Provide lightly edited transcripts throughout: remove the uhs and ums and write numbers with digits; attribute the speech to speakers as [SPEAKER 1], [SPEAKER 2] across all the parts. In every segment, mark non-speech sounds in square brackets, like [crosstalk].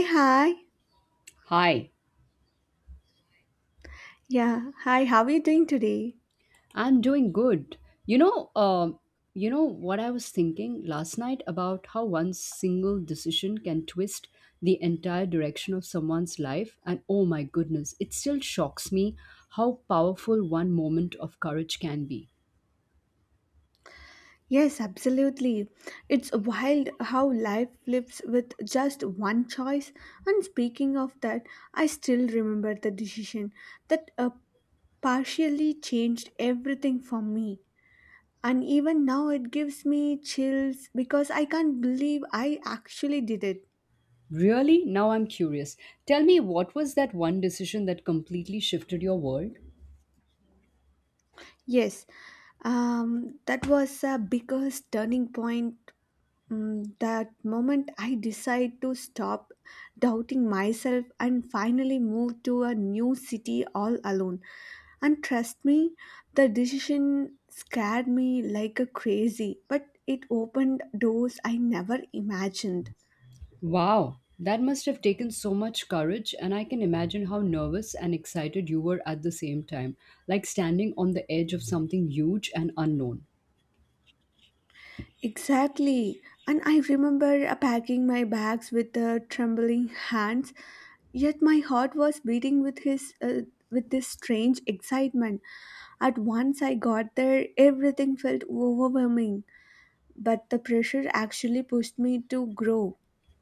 [SPEAKER 1] Hey, hi.
[SPEAKER 2] Hi,
[SPEAKER 1] Yeah. Hi. How are you doing today?
[SPEAKER 2] I'm doing good. You know, um, you know, what I was thinking last night about how one single decision can twist the entire direction of someone's life, and oh my goodness, it still shocks me how powerful one moment of courage can be.
[SPEAKER 1] Yes, absolutely. It's wild how life flips with just one choice. And speaking of that, I still remember the decision that partially changed everything for me. And even now, it gives me chills because I can't believe I actually did it.
[SPEAKER 2] Really? Now I'm curious. Tell me, what was that one decision that completely shifted your world?
[SPEAKER 1] Yes, that was a biggest turning point. That moment I decide to stop doubting myself and finally move to a new city all alone. And trust me, the decision scared me like a crazy, but it opened doors I never imagined.
[SPEAKER 2] Wow, that must have taken so much courage, and I can imagine how nervous and excited you were at the same time, like standing on the edge of something huge and unknown.
[SPEAKER 1] Exactly. And I remember packing my bags with trembling hands, yet my heart was beating with this strange excitement. At once I got there, everything felt overwhelming, but the pressure actually pushed me to grow.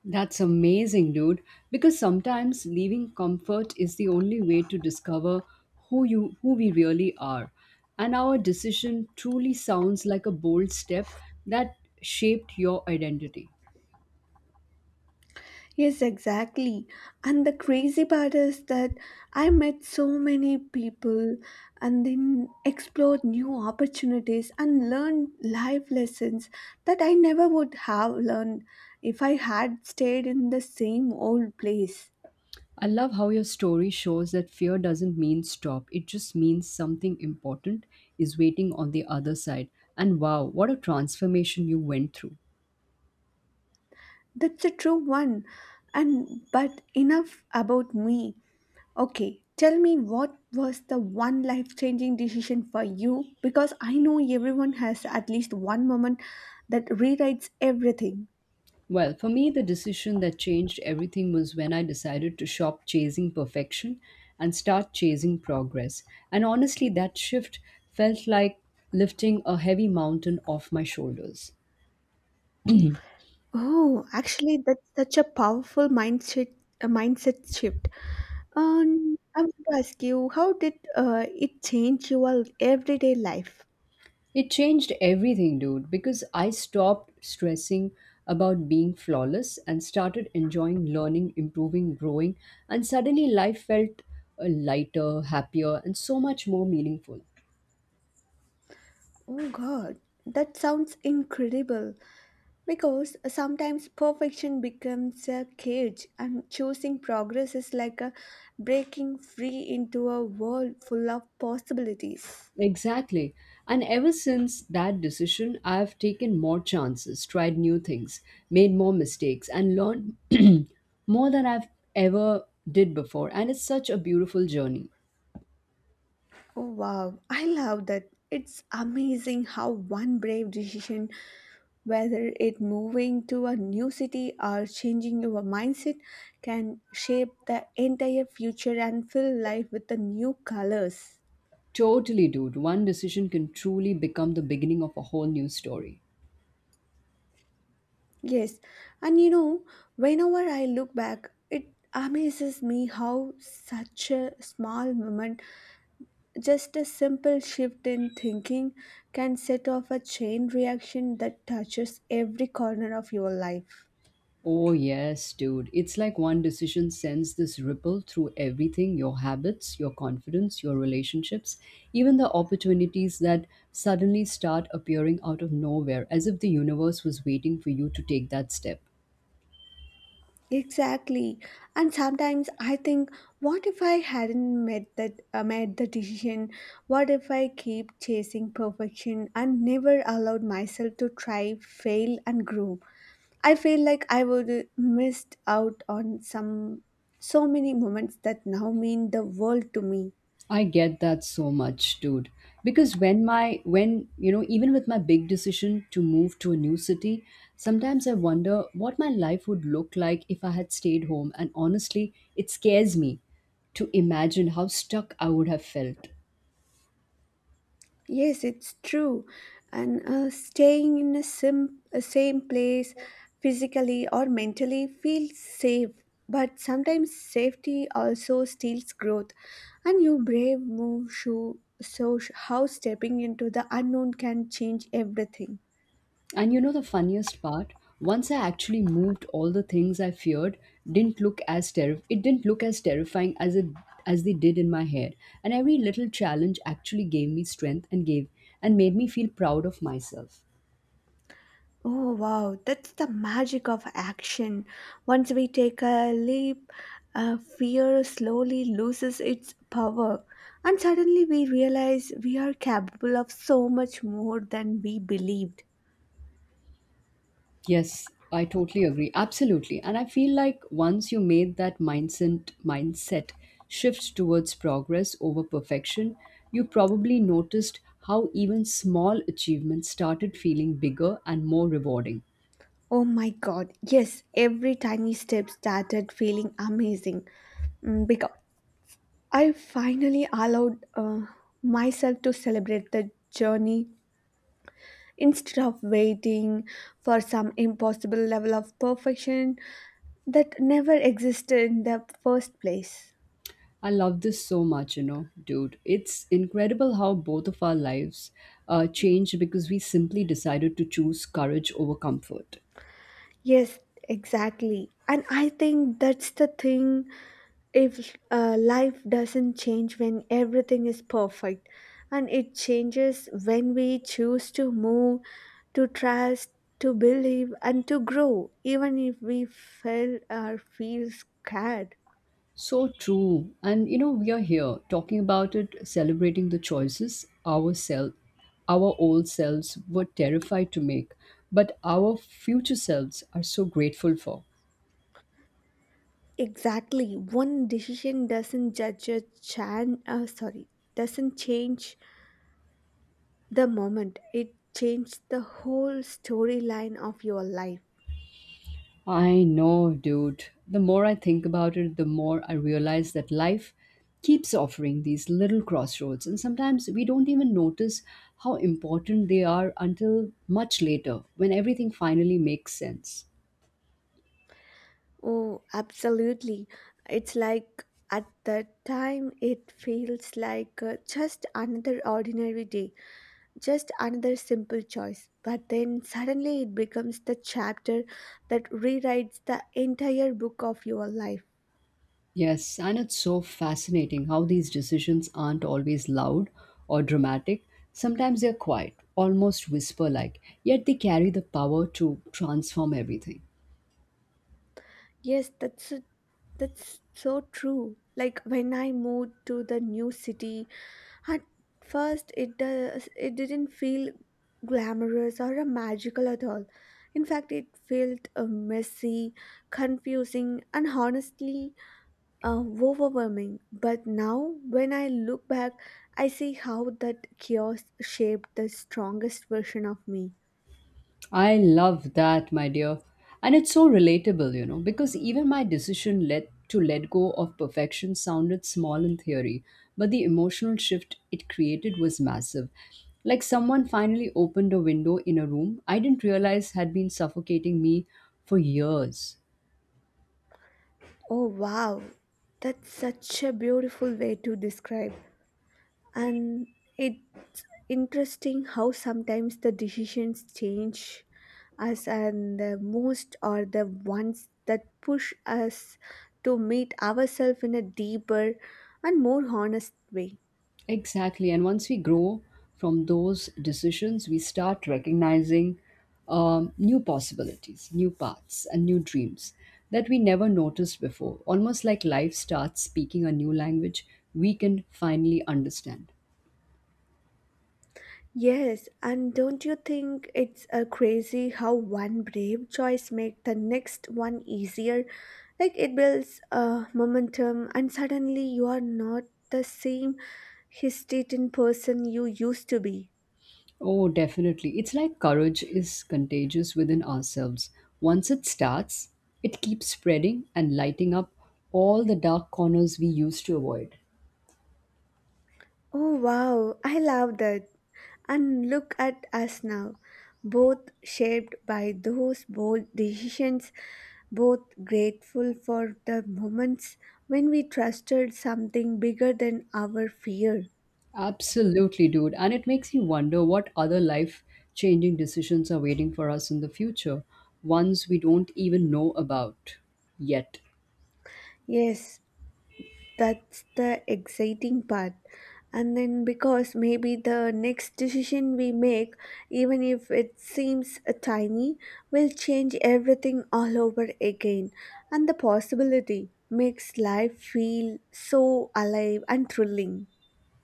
[SPEAKER 2] That's amazing, dude, because sometimes leaving comfort is the only way to discover who we really are. And our decision truly sounds like a bold step that shaped your identity.
[SPEAKER 1] Yes, exactly. And the crazy part is that I met so many people and then explored new opportunities and learned life lessons that I never would have learned if I had stayed in the same old place.
[SPEAKER 2] I love how your story shows that fear doesn't mean stop. It just means something important is waiting on the other side. And wow, what a transformation you went through.
[SPEAKER 1] That's a true one. And but enough about me. Okay, tell me, what was the one life changing decision for you? Because I know everyone has at least one moment that rewrites everything.
[SPEAKER 2] Well, for me, the decision that changed everything was when I decided to stop chasing perfection and start chasing progress. And honestly, that shift felt like lifting a heavy mountain off my shoulders.
[SPEAKER 1] Oh, actually, that's such a powerful mindset, a mindset shift. I want to ask you, how did it change your everyday life?
[SPEAKER 2] It changed everything, dude, because I stopped stressing about being flawless and started enjoying learning, improving, growing, and suddenly life felt lighter, happier, and so much more meaningful.
[SPEAKER 1] Oh God, that sounds incredible. Because sometimes perfection becomes a cage, and choosing progress is like a breaking free into a world full of possibilities.
[SPEAKER 2] Exactly. And ever since that decision, I've taken more chances, tried new things, made more mistakes, and learned [clears throat] more than I've ever did before. And it's such a beautiful journey.
[SPEAKER 1] Oh, wow, I love that. It's amazing how one brave decision, whether it moving to a new city or changing your mindset, can shape the entire future and fill life with the new colors.
[SPEAKER 2] Totally, dude. One decision can truly become the beginning of a whole new story.
[SPEAKER 1] Yes, and you know, whenever I look back, it amazes me how such a small moment, just a simple shift in thinking, can set off a chain reaction that touches every corner of your life.
[SPEAKER 2] Oh, yes, dude. It's like one decision sends this ripple through everything: your habits, your confidence, your relationships, even the opportunities that suddenly start appearing out of nowhere, as if the universe was waiting for you to take that step.
[SPEAKER 1] Exactly, and sometimes I think, what if I hadn't made the decision? What if I keep chasing perfection and never allowed myself to try, fail, and grow? I feel like I would missed out on some so many moments that now mean the world to me.
[SPEAKER 2] I get that so much, dude. Because you know, even with my big decision to move to a new city, sometimes I wonder what my life would look like if I had stayed home. And honestly, it scares me to imagine how stuck I would have felt.
[SPEAKER 1] Yes, it's true. And staying in a same place physically or mentally feels safe, but sometimes safety also steals growth. And you brave move shoe so sh- how stepping into the unknown can change everything.
[SPEAKER 2] And you know the funniest part? Once I actually moved, all the things I feared didn't look as terri- it didn't look as terrifying as they did in my head. And every little challenge actually gave me strength and made me feel proud of myself.
[SPEAKER 1] Oh, wow, that's the magic of action. Once we take a leap, fear slowly loses its power, and suddenly we realize we are capable of so much more than we believed.
[SPEAKER 2] Yes, I totally agree. Absolutely. And I feel like once you made that mindset shift towards progress over perfection, you probably noticed how even small achievements started feeling bigger and more rewarding.
[SPEAKER 1] Oh my god, yes, every tiny step started feeling amazing, because I finally allowed myself to celebrate the journey instead of waiting for some impossible level of perfection that never existed in the first place.
[SPEAKER 2] I love this so much, you know, dude. It's incredible how both of our lives changed because we simply decided to choose courage over comfort.
[SPEAKER 1] Yes, exactly. And I think that's the thing, if life doesn't change when everything is perfect, and it changes when we choose to move, to trust, to believe, and to grow, even if we fail or feel scared.
[SPEAKER 2] So true. And, you know, we are here talking about it, celebrating the choices our old selves were terrified to make, but our future selves are so grateful for.
[SPEAKER 1] Exactly. One decision doesn't judge a chan. Sorry, doesn't change the moment it changed the whole storyline of your life.
[SPEAKER 2] I know, dude. The more I think about it, the more I realize that life keeps offering these little crossroads, and sometimes we don't even notice how important they are until much later when everything finally makes sense.
[SPEAKER 1] Oh, absolutely. It's like at that time it feels like just another ordinary day, just another simple choice. But then suddenly it becomes the chapter that rewrites the entire book of your life.
[SPEAKER 2] Yes, and it's so fascinating how these decisions aren't always loud or dramatic. Sometimes they're quiet, almost whisper like, yet they carry the power to transform everything.
[SPEAKER 1] Yes, that's so- that's so true. Like when I moved to the new city. At first, it didn't feel glamorous or magical at all. In fact, it felt messy, confusing, and honestly overwhelming. But now, when I look back, I see how that chaos shaped the strongest version of me.
[SPEAKER 2] I love that, my dear. And it's so relatable, you know, because even my decision let go of perfection sounded small in theory, but the emotional shift it created was massive. Like someone finally opened a window in a room I didn't realize had been suffocating me for years.
[SPEAKER 1] Oh, wow. That's such a beautiful way to describe. And it's interesting how sometimes the decisions change us and the most are the ones that push us to meet ourselves in a deeper and more honest way.
[SPEAKER 2] Exactly. And once we grow from those decisions, we start recognizing new possibilities, new paths, and new dreams that we never noticed before. Almost like life starts speaking a new language we can finally understand.
[SPEAKER 1] Yes, and don't you think it's crazy how one brave choice makes the next one easier? Like it builds momentum, and suddenly you are not the same hesitating person you used to be.
[SPEAKER 2] Oh, definitely. It's like courage is contagious within ourselves. Once it starts, it keeps spreading and lighting up all the dark corners we used to avoid.
[SPEAKER 1] Oh wow, I love that. And look at us now, both shaped by those bold decisions, both grateful for the moments when we trusted something bigger than our fear.
[SPEAKER 2] Absolutely, dude. And it makes you wonder what other life changing decisions are waiting for us in the future, ones we don't even know about yet.
[SPEAKER 1] Yes, that's the exciting part, and then because maybe the next decision we make, even if it seems tiny, will change everything all over again, and the possibility makes life feel so alive and thrilling.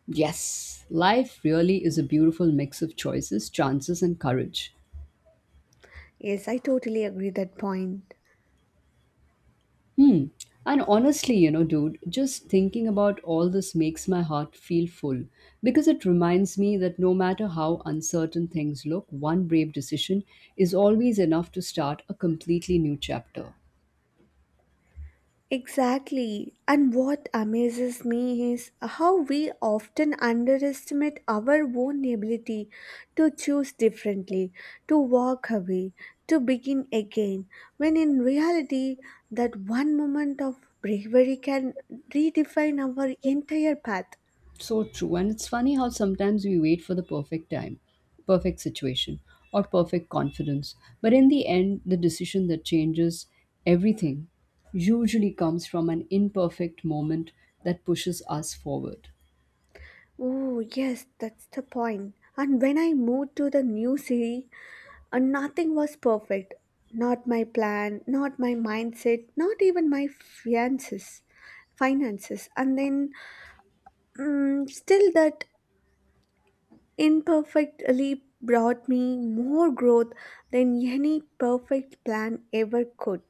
[SPEAKER 2] Yes, life really is a beautiful mix of choices, chances, and courage.
[SPEAKER 1] Yes, I totally agree that point.
[SPEAKER 2] Hmm. And honestly, you know, dude, just thinking about all this makes my heart feel full, because it reminds me that no matter how uncertain things look, one brave decision is always enough to start a completely new chapter.
[SPEAKER 1] Exactly. And what amazes me is how we often underestimate our own ability to choose differently, to walk away, to begin again, when in reality, that one moment of bravery can redefine our entire path.
[SPEAKER 2] So true. And it's funny how sometimes we wait for the perfect time, perfect situation, or perfect confidence. But in the end, the decision that changes everything usually comes from an imperfect moment that pushes us forward.
[SPEAKER 1] Oh, yes, that's the point. And when I moved to the new city, and nothing was perfect. Not my plan, not my mindset, not even finances. And then, still, that imperfect leap brought me more growth than any perfect plan ever could.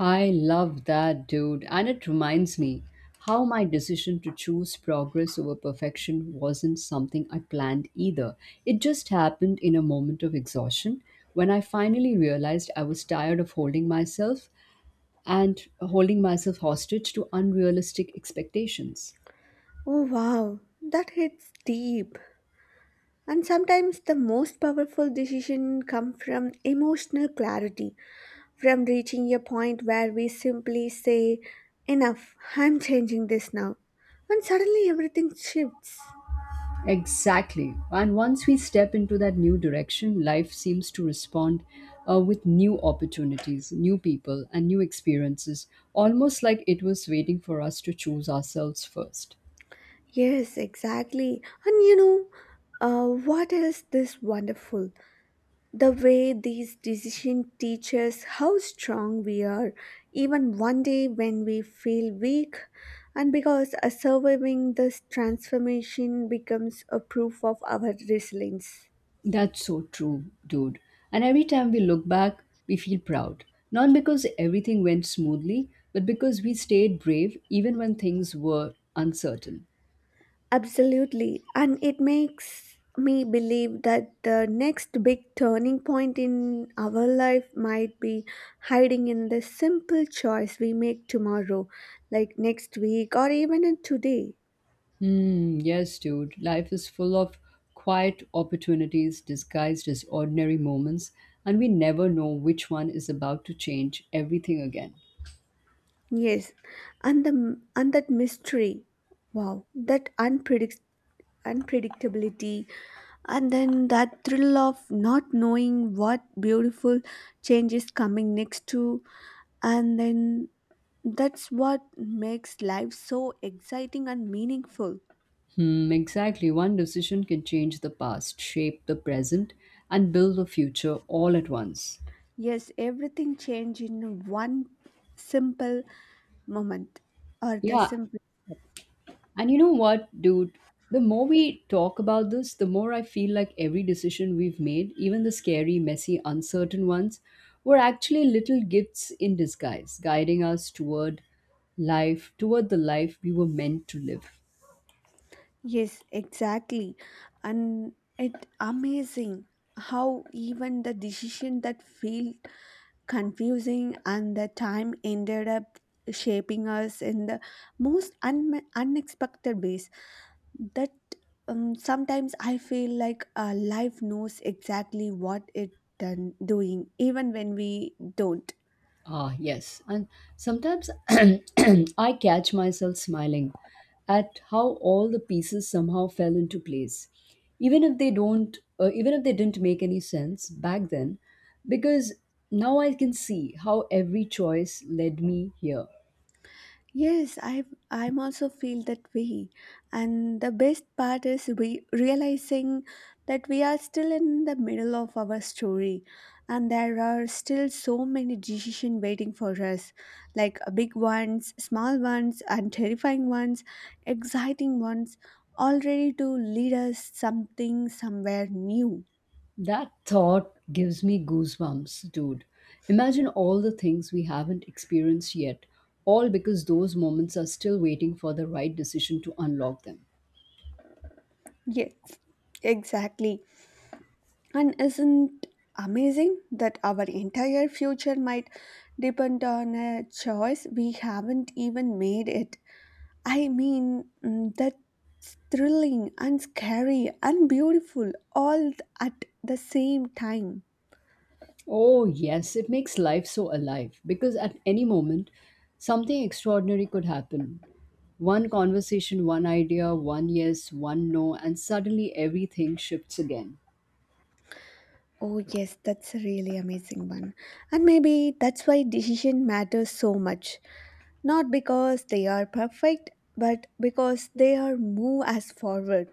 [SPEAKER 2] I love that, dude. And it reminds me how my decision to choose progress over perfection wasn't something I planned either. It just happened in a moment of exhaustion when I finally realized I was tired of holding myself hostage to unrealistic expectations.
[SPEAKER 1] Oh, wow, that hits deep. And sometimes the most powerful decision come from emotional clarity, from reaching a point where we simply say, enough, I'm changing this now. And suddenly everything shifts.
[SPEAKER 2] Exactly. And once we step into that new direction, life seems to respond with new opportunities, new people, and new experiences, almost like it was waiting for us to choose ourselves first.
[SPEAKER 1] Yes, exactly. And you know, what is this wonderful? The way these decisions teach us how strong we are, even one day when we feel weak, and because surviving this transformation becomes a proof of our resilience.
[SPEAKER 2] That's so true, dude. And every time we look back, we feel proud. Not because everything went smoothly, but because we stayed brave even when things were uncertain.
[SPEAKER 1] Absolutely. And it makes me believe that the next big turning point in our life might be hiding in the simple choice we make tomorrow, like next week or even in today.
[SPEAKER 2] Mm, yes, dude. Life is full of quiet opportunities disguised as ordinary moments, and we never know which one is about to change everything again.
[SPEAKER 1] Yes. And that mystery. Wow. That unpredictability, and then that thrill of not knowing what beautiful change is coming next to, and then that's what makes life so exciting and meaningful.
[SPEAKER 2] Hmm, exactly. One decision can change the past, shape the present, and build the future all at once.
[SPEAKER 1] Yes, everything changed in one simple moment or the
[SPEAKER 2] Yeah.
[SPEAKER 1] simple.
[SPEAKER 2] And you know what, dude? The more we talk about this, the more I feel like every decision we've made, even the scary, messy, uncertain ones, were actually little gifts in disguise, guiding us toward the life we were meant to live.
[SPEAKER 1] Yes, exactly. And it amazing how even the decision that felt confusing and the time ended up shaping us in the unexpected ways, that sometimes I feel like life knows exactly what it done doing, even when we don't.
[SPEAKER 2] Ah, yes. And sometimes [clears throat] I catch myself smiling at how all the pieces somehow fell into place, even if they don't, even if they didn't make any sense back then, because now I can see how every choice led me here.
[SPEAKER 1] Yes, I'm also feel that way. And the best part is we realizing that we are still in the middle of our story and there are still so many decisions waiting for us, like big ones, small ones, and terrifying ones, exciting ones, all ready to lead us something somewhere new.
[SPEAKER 2] That thought gives me goosebumps, dude. Imagine all the things we haven't experienced yet, all because those moments are still waiting for the right decision to unlock them.
[SPEAKER 1] Yes, exactly. And isn't amazing that our entire future might depend on a choice we haven't even made it? I mean, that's thrilling and scary and beautiful all at the same time.
[SPEAKER 2] Oh, yes, it makes life so alive because at any moment, something extraordinary could happen. One conversation, one idea, one yes, one no, and suddenly everything shifts again.
[SPEAKER 1] Oh, yes, that's a really amazing one. And maybe that's why decision matters so much. Not because they are perfect, but because they are move us forward.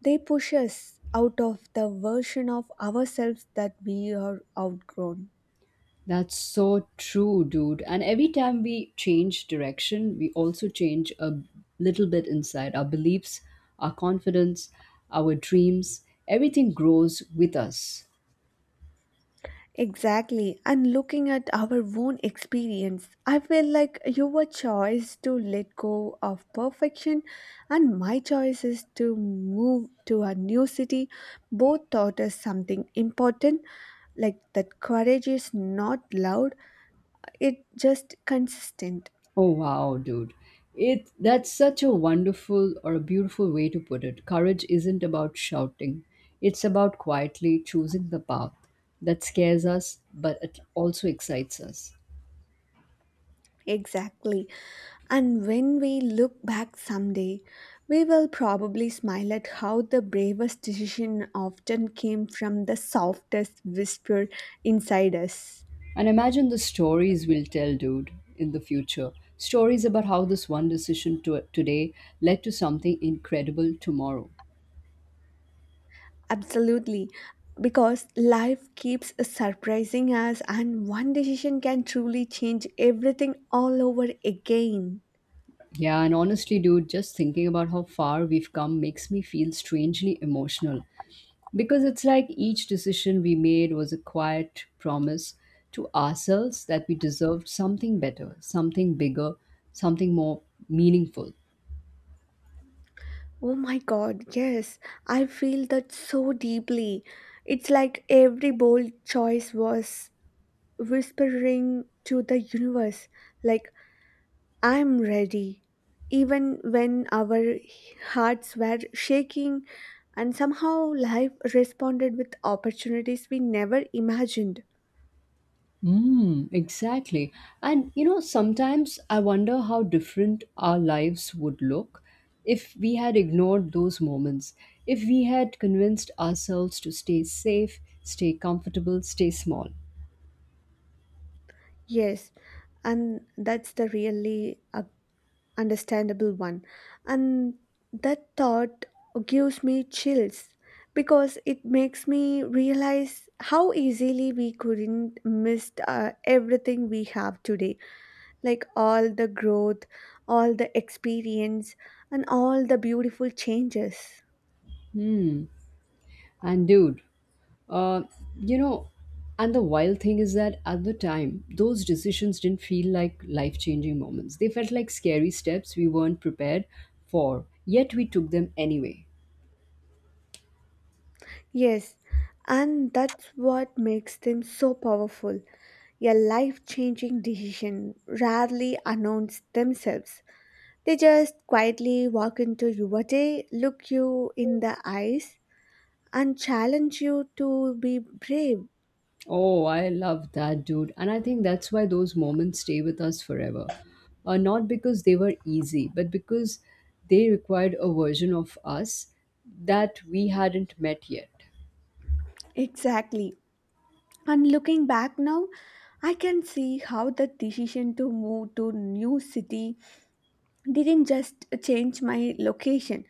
[SPEAKER 1] They push us out of the version of ourselves that we are outgrown.
[SPEAKER 2] That's so true, dude. And every time we change direction, we also change a little bit inside: our beliefs, our confidence, our dreams. Everything grows with us.
[SPEAKER 1] Exactly. And looking at our own experience, I feel like your choice to let go of perfection and my choice is to move to a new city both taught us something important, like that courage is not loud, it's just consistent.
[SPEAKER 2] Oh wow, dude. It That's such a wonderful or a beautiful way to put it. Courage isn't about shouting. It's about quietly choosing the path that scares us but it also excites us.
[SPEAKER 1] Exactly. And when we look back someday, we will probably smile at how the bravest decision often came from the softest whisper inside us.
[SPEAKER 2] And imagine the stories we'll tell, dude, in the future. Stories about how this one decision today led to something incredible tomorrow.
[SPEAKER 1] Absolutely. Because life keeps surprising us, and one decision can truly change everything all over again.
[SPEAKER 2] Yeah, and honestly, dude, just thinking about how far we've come makes me feel strangely emotional. Because it's like each decision we made was a quiet promise to ourselves that we deserved something better, something bigger, something more meaningful.
[SPEAKER 1] Oh my god, yes, I feel that so deeply. It's like every bold choice was whispering to the universe, like, I'm ready. Even when our hearts were shaking, and somehow life responded with opportunities we never imagined.
[SPEAKER 2] Mm, exactly. And you know, sometimes I wonder how different our lives would look if we had ignored those moments, if we had convinced ourselves to stay safe, stay comfortable, stay small.
[SPEAKER 1] Yes, and that's the really understandable one. And that thought gives me chills because it makes me realize how easily we couldn't miss everything we have today, like all the growth, all the experience, and all the beautiful changes.
[SPEAKER 2] And dude, uh, you know, and the wild thing is that at the time, those decisions didn't feel like life changing moments. They felt like scary steps we weren't prepared for, yet we took them anyway.
[SPEAKER 1] Yes, and that's what makes them so powerful. A life changing decision rarely announce themselves. They just quietly walk into your day, look you in the eyes, and challenge you to be brave.
[SPEAKER 2] Oh, I love that, dude. And I think that's why those moments stay with us forever. Not because they were easy, but because they required a version of us that we hadn't met yet.
[SPEAKER 1] Exactly. And looking back now, I can see how the decision to move to new city didn't just change my location,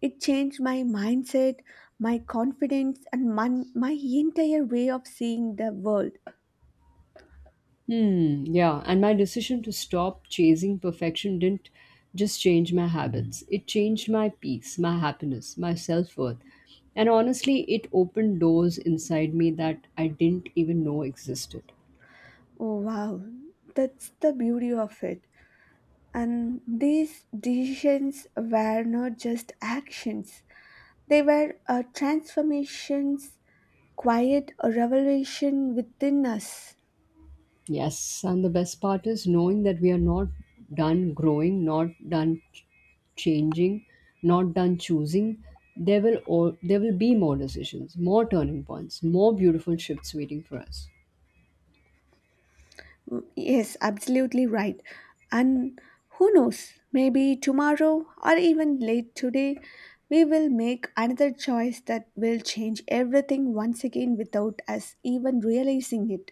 [SPEAKER 1] it changed my mindset, my confidence, and my entire way of seeing the world.
[SPEAKER 2] Hmm, yeah, and my decision to stop chasing perfection didn't just change my habits. It changed my peace, my happiness, my self worth. And honestly, it opened doors inside me that I didn't even know existed.
[SPEAKER 1] Oh wow, that's the beauty of it, and these decisions were not just actions, they were transformations, quiet revelation within us.
[SPEAKER 2] Yes, and the best part is knowing that we are not done growing, not done changing, not done choosing. There will be more decisions, more turning points, more beautiful shifts waiting for us.
[SPEAKER 1] Yes, absolutely right. And who knows, maybe tomorrow or even late today, we will make another choice that will change everything once again without us even realizing it.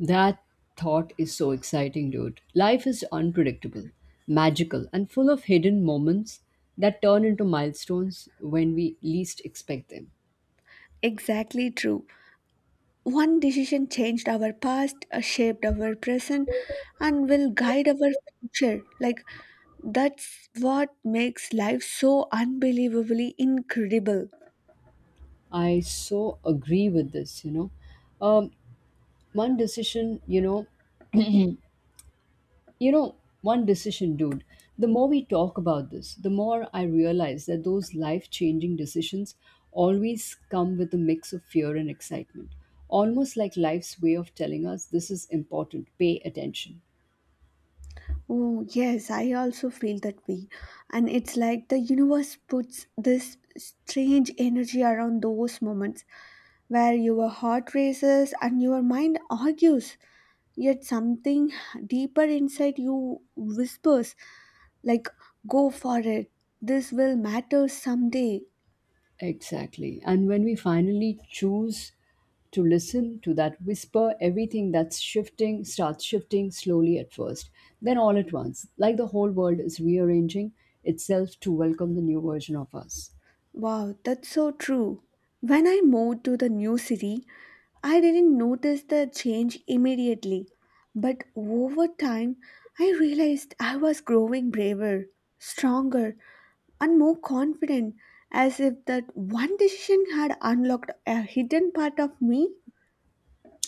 [SPEAKER 2] That thought is so exciting, dude. Life is unpredictable, magical, and full of hidden moments that turn into milestones when we least expect them.
[SPEAKER 1] Exactly true. One decision changed our past, shaped our present, and will guide our future. Like, that's what makes life so unbelievably incredible.
[SPEAKER 2] I so agree with this, you know. Um, one decision, you know, One decision, dude. The more we talk about this, the more I realize that those life changing decisions always come with a mix of fear and excitement. Almost like life's way of telling us this is important, pay attention.
[SPEAKER 1] Oh, yes, I also feel that way. And it's like the universe puts this strange energy around those moments where your heart races and your mind argues, yet something deeper inside you whispers, like, go for it, this will matter someday.
[SPEAKER 2] Exactly. And when we finally choose to listen to that whisper, everything that's shifting starts shifting slowly at first. Then, all at once, like the whole world is rearranging itself to welcome the new version of us.
[SPEAKER 1] Wow, that's so true. When I moved to the new city, I didn't notice the change immediately, but over time I realized I was growing braver, stronger, and more confident, as if that one decision had unlocked a hidden part of me.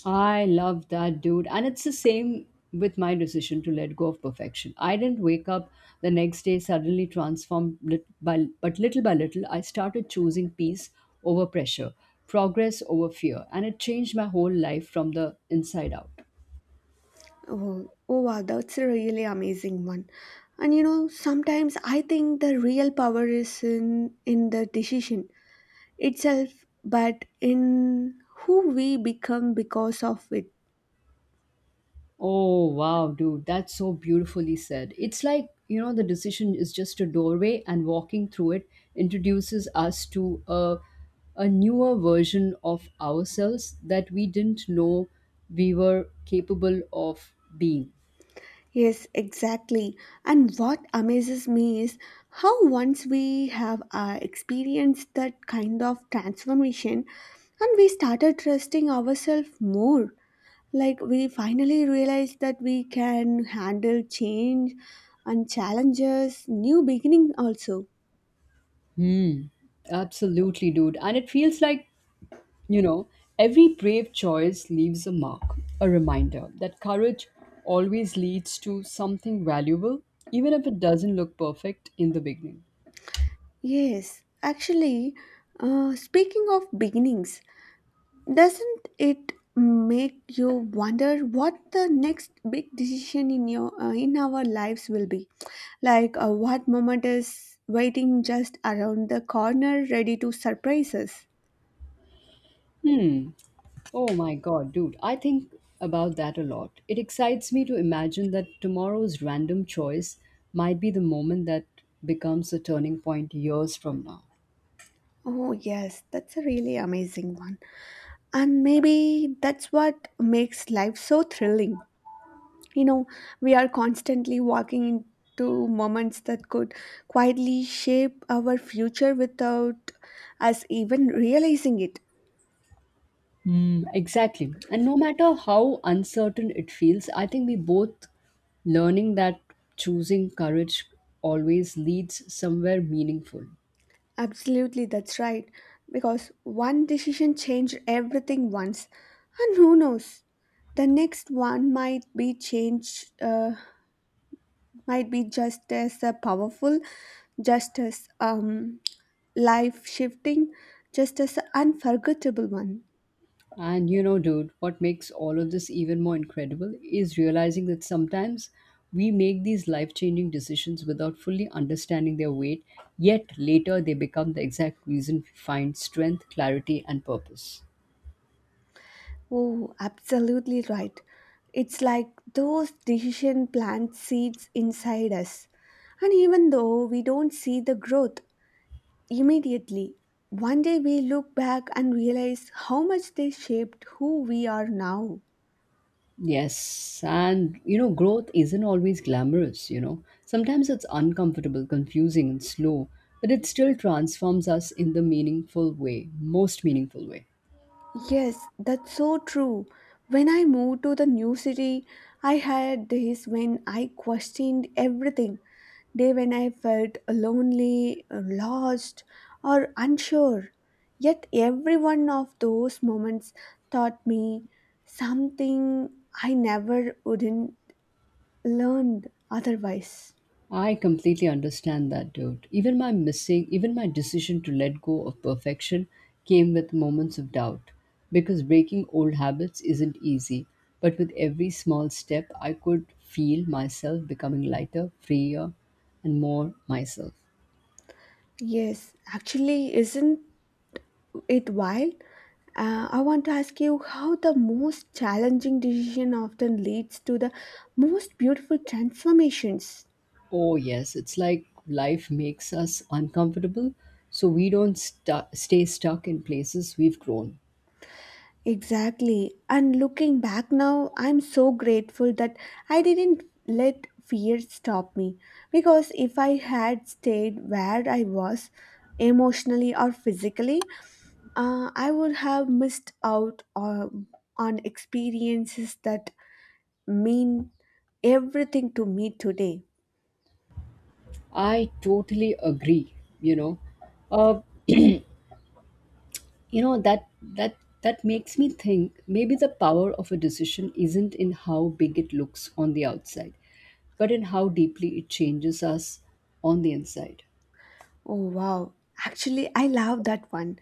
[SPEAKER 2] I love that, dude. And it's the same with my decision to let go of perfection. I didn't wake up the next day suddenly transformed, but little by little, I started choosing peace over pressure, progress over fear, and it changed my whole life from the inside out.
[SPEAKER 1] Oh wow, that's a really amazing one. And you know, sometimes I think the real power is in the decision itself, but in who we become because of it.
[SPEAKER 2] Oh, wow, dude, that's so beautifully said. It's like, you know, the decision is just a doorway, and walking through it introduces us to a newer version of ourselves that we didn't know we were capable of being.
[SPEAKER 1] Yes, exactly. And what amazes me is how once we have experienced that kind of transformation and we started trusting ourselves more, like we finally realized that we can handle change and challenges, new beginning also.
[SPEAKER 2] Absolutely, dude. And it feels like, you know, every brave choice leaves a mark, a reminder that courage always leads to something valuable, even if it doesn't look perfect in the beginning.
[SPEAKER 1] Yes, actually, speaking of beginnings, doesn't it make you wonder what the next big decision in your in our lives will be? Like what moment is waiting just around the corner ready to surprise us?
[SPEAKER 2] Hmm. Oh my god, dude, I think about that a lot. It excites me to imagine that tomorrow's random choice might be the moment that becomes a turning point years from now.
[SPEAKER 1] Oh yes, that's a really amazing one. And maybe that's what makes life so thrilling. You know, we are constantly walking into moments that could quietly shape our future without us even realizing it.
[SPEAKER 2] Mm, exactly. And no matter how uncertain it feels, I think we both learning that choosing courage always leads somewhere meaningful.
[SPEAKER 1] Absolutely, that's right. Because one decision changed everything once, and who knows, the next one might be might be just as powerful, just as life shifting, just as unforgettable one.
[SPEAKER 2] And you know, dude, what makes all of this even more incredible is realizing that sometimes we make these life changing decisions without fully understanding their weight, yet later they become the exact reason we find strength, clarity, and purpose.
[SPEAKER 1] Oh, absolutely right. It's like those decision plant seeds inside us, and even though we don't see the growth immediately, one day we look back and realize how much they shaped who we are now.
[SPEAKER 2] Yes, and you know, growth isn't always glamorous, you know. Sometimes it's uncomfortable, confusing, and slow, but it still transforms us in most meaningful way.
[SPEAKER 1] Yes, that's so true. When I moved to the new city, I had days when I questioned everything. Day when I felt lonely, lost, or unsure. Yet every one of those moments taught me something I never wouldn't learned otherwise.
[SPEAKER 2] I completely understand that, dude. Even my decision to let go of perfection came with moments of doubt because breaking old habits isn't easy. But with every small step, I could feel myself becoming lighter, freer, and more myself.
[SPEAKER 1] Yes, actually, isn't it wild? I want to ask you how the most challenging decision often leads to the most beautiful transformations.
[SPEAKER 2] Oh, yes, it's like life makes us uncomfortable, so we don't stay stuck in places we've grown.
[SPEAKER 1] Exactly. And looking back now, I'm so grateful that I didn't let fear stop me. Because if I had stayed where I was, emotionally or physically, I would have missed out on experiences that mean everything to me today.
[SPEAKER 2] I totally agree, you know. Uh, you know that that that makes me think maybe the power of a decision isn't in how big it looks on the outside, but in how deeply it changes us on the inside.
[SPEAKER 1] Oh, wow. Actually, I love that one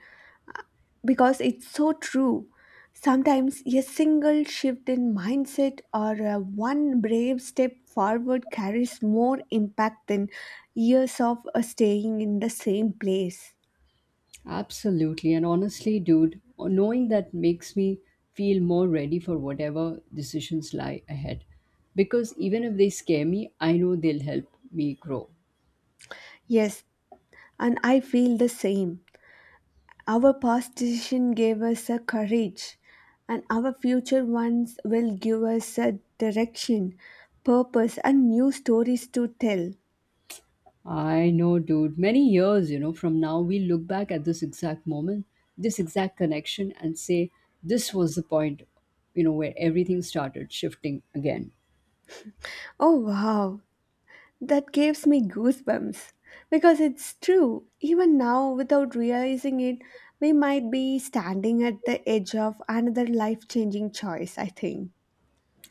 [SPEAKER 1] because it's so true. Sometimes a single shift in mindset or one brave step forward carries more impact than years of staying in the same place.
[SPEAKER 2] Absolutely, and honestly, dude, knowing that makes me feel more ready for whatever decisions lie ahead, because even if they scare me, I know they'll help me grow.
[SPEAKER 1] Yes, and I feel the same. Our past decision gave us a courage, and our future ones will give us a direction, purpose, and new stories to tell.
[SPEAKER 2] I know, dude. Many years, you know, from now, we look back at this exact moment, this exact connection, and say, this was the point, you know, where everything started shifting again.
[SPEAKER 1] Oh wow, that gives me goosebumps because it's true. Even now, without realizing it, we might be standing at the edge of another life changing choice, I think.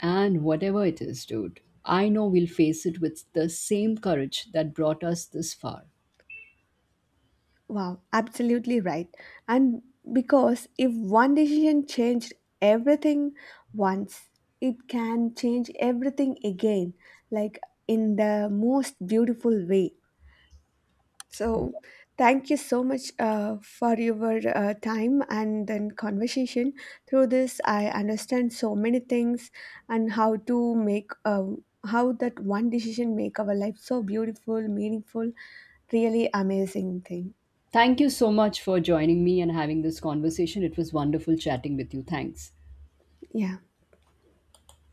[SPEAKER 2] And whatever it is, dude, I know we'll face it with the same courage that brought us this far.
[SPEAKER 1] Wow, absolutely right. And because if one decision changed everything once, it can change everything again, like in the most beautiful way. So, thank you so much for your time and then conversation. Through this, I understand so many things and how to make how that one decision make our life so beautiful, meaningful, really amazing thing.
[SPEAKER 2] Thank you so much for joining me and having this conversation. It was wonderful chatting with you. Thanks.
[SPEAKER 1] Yeah.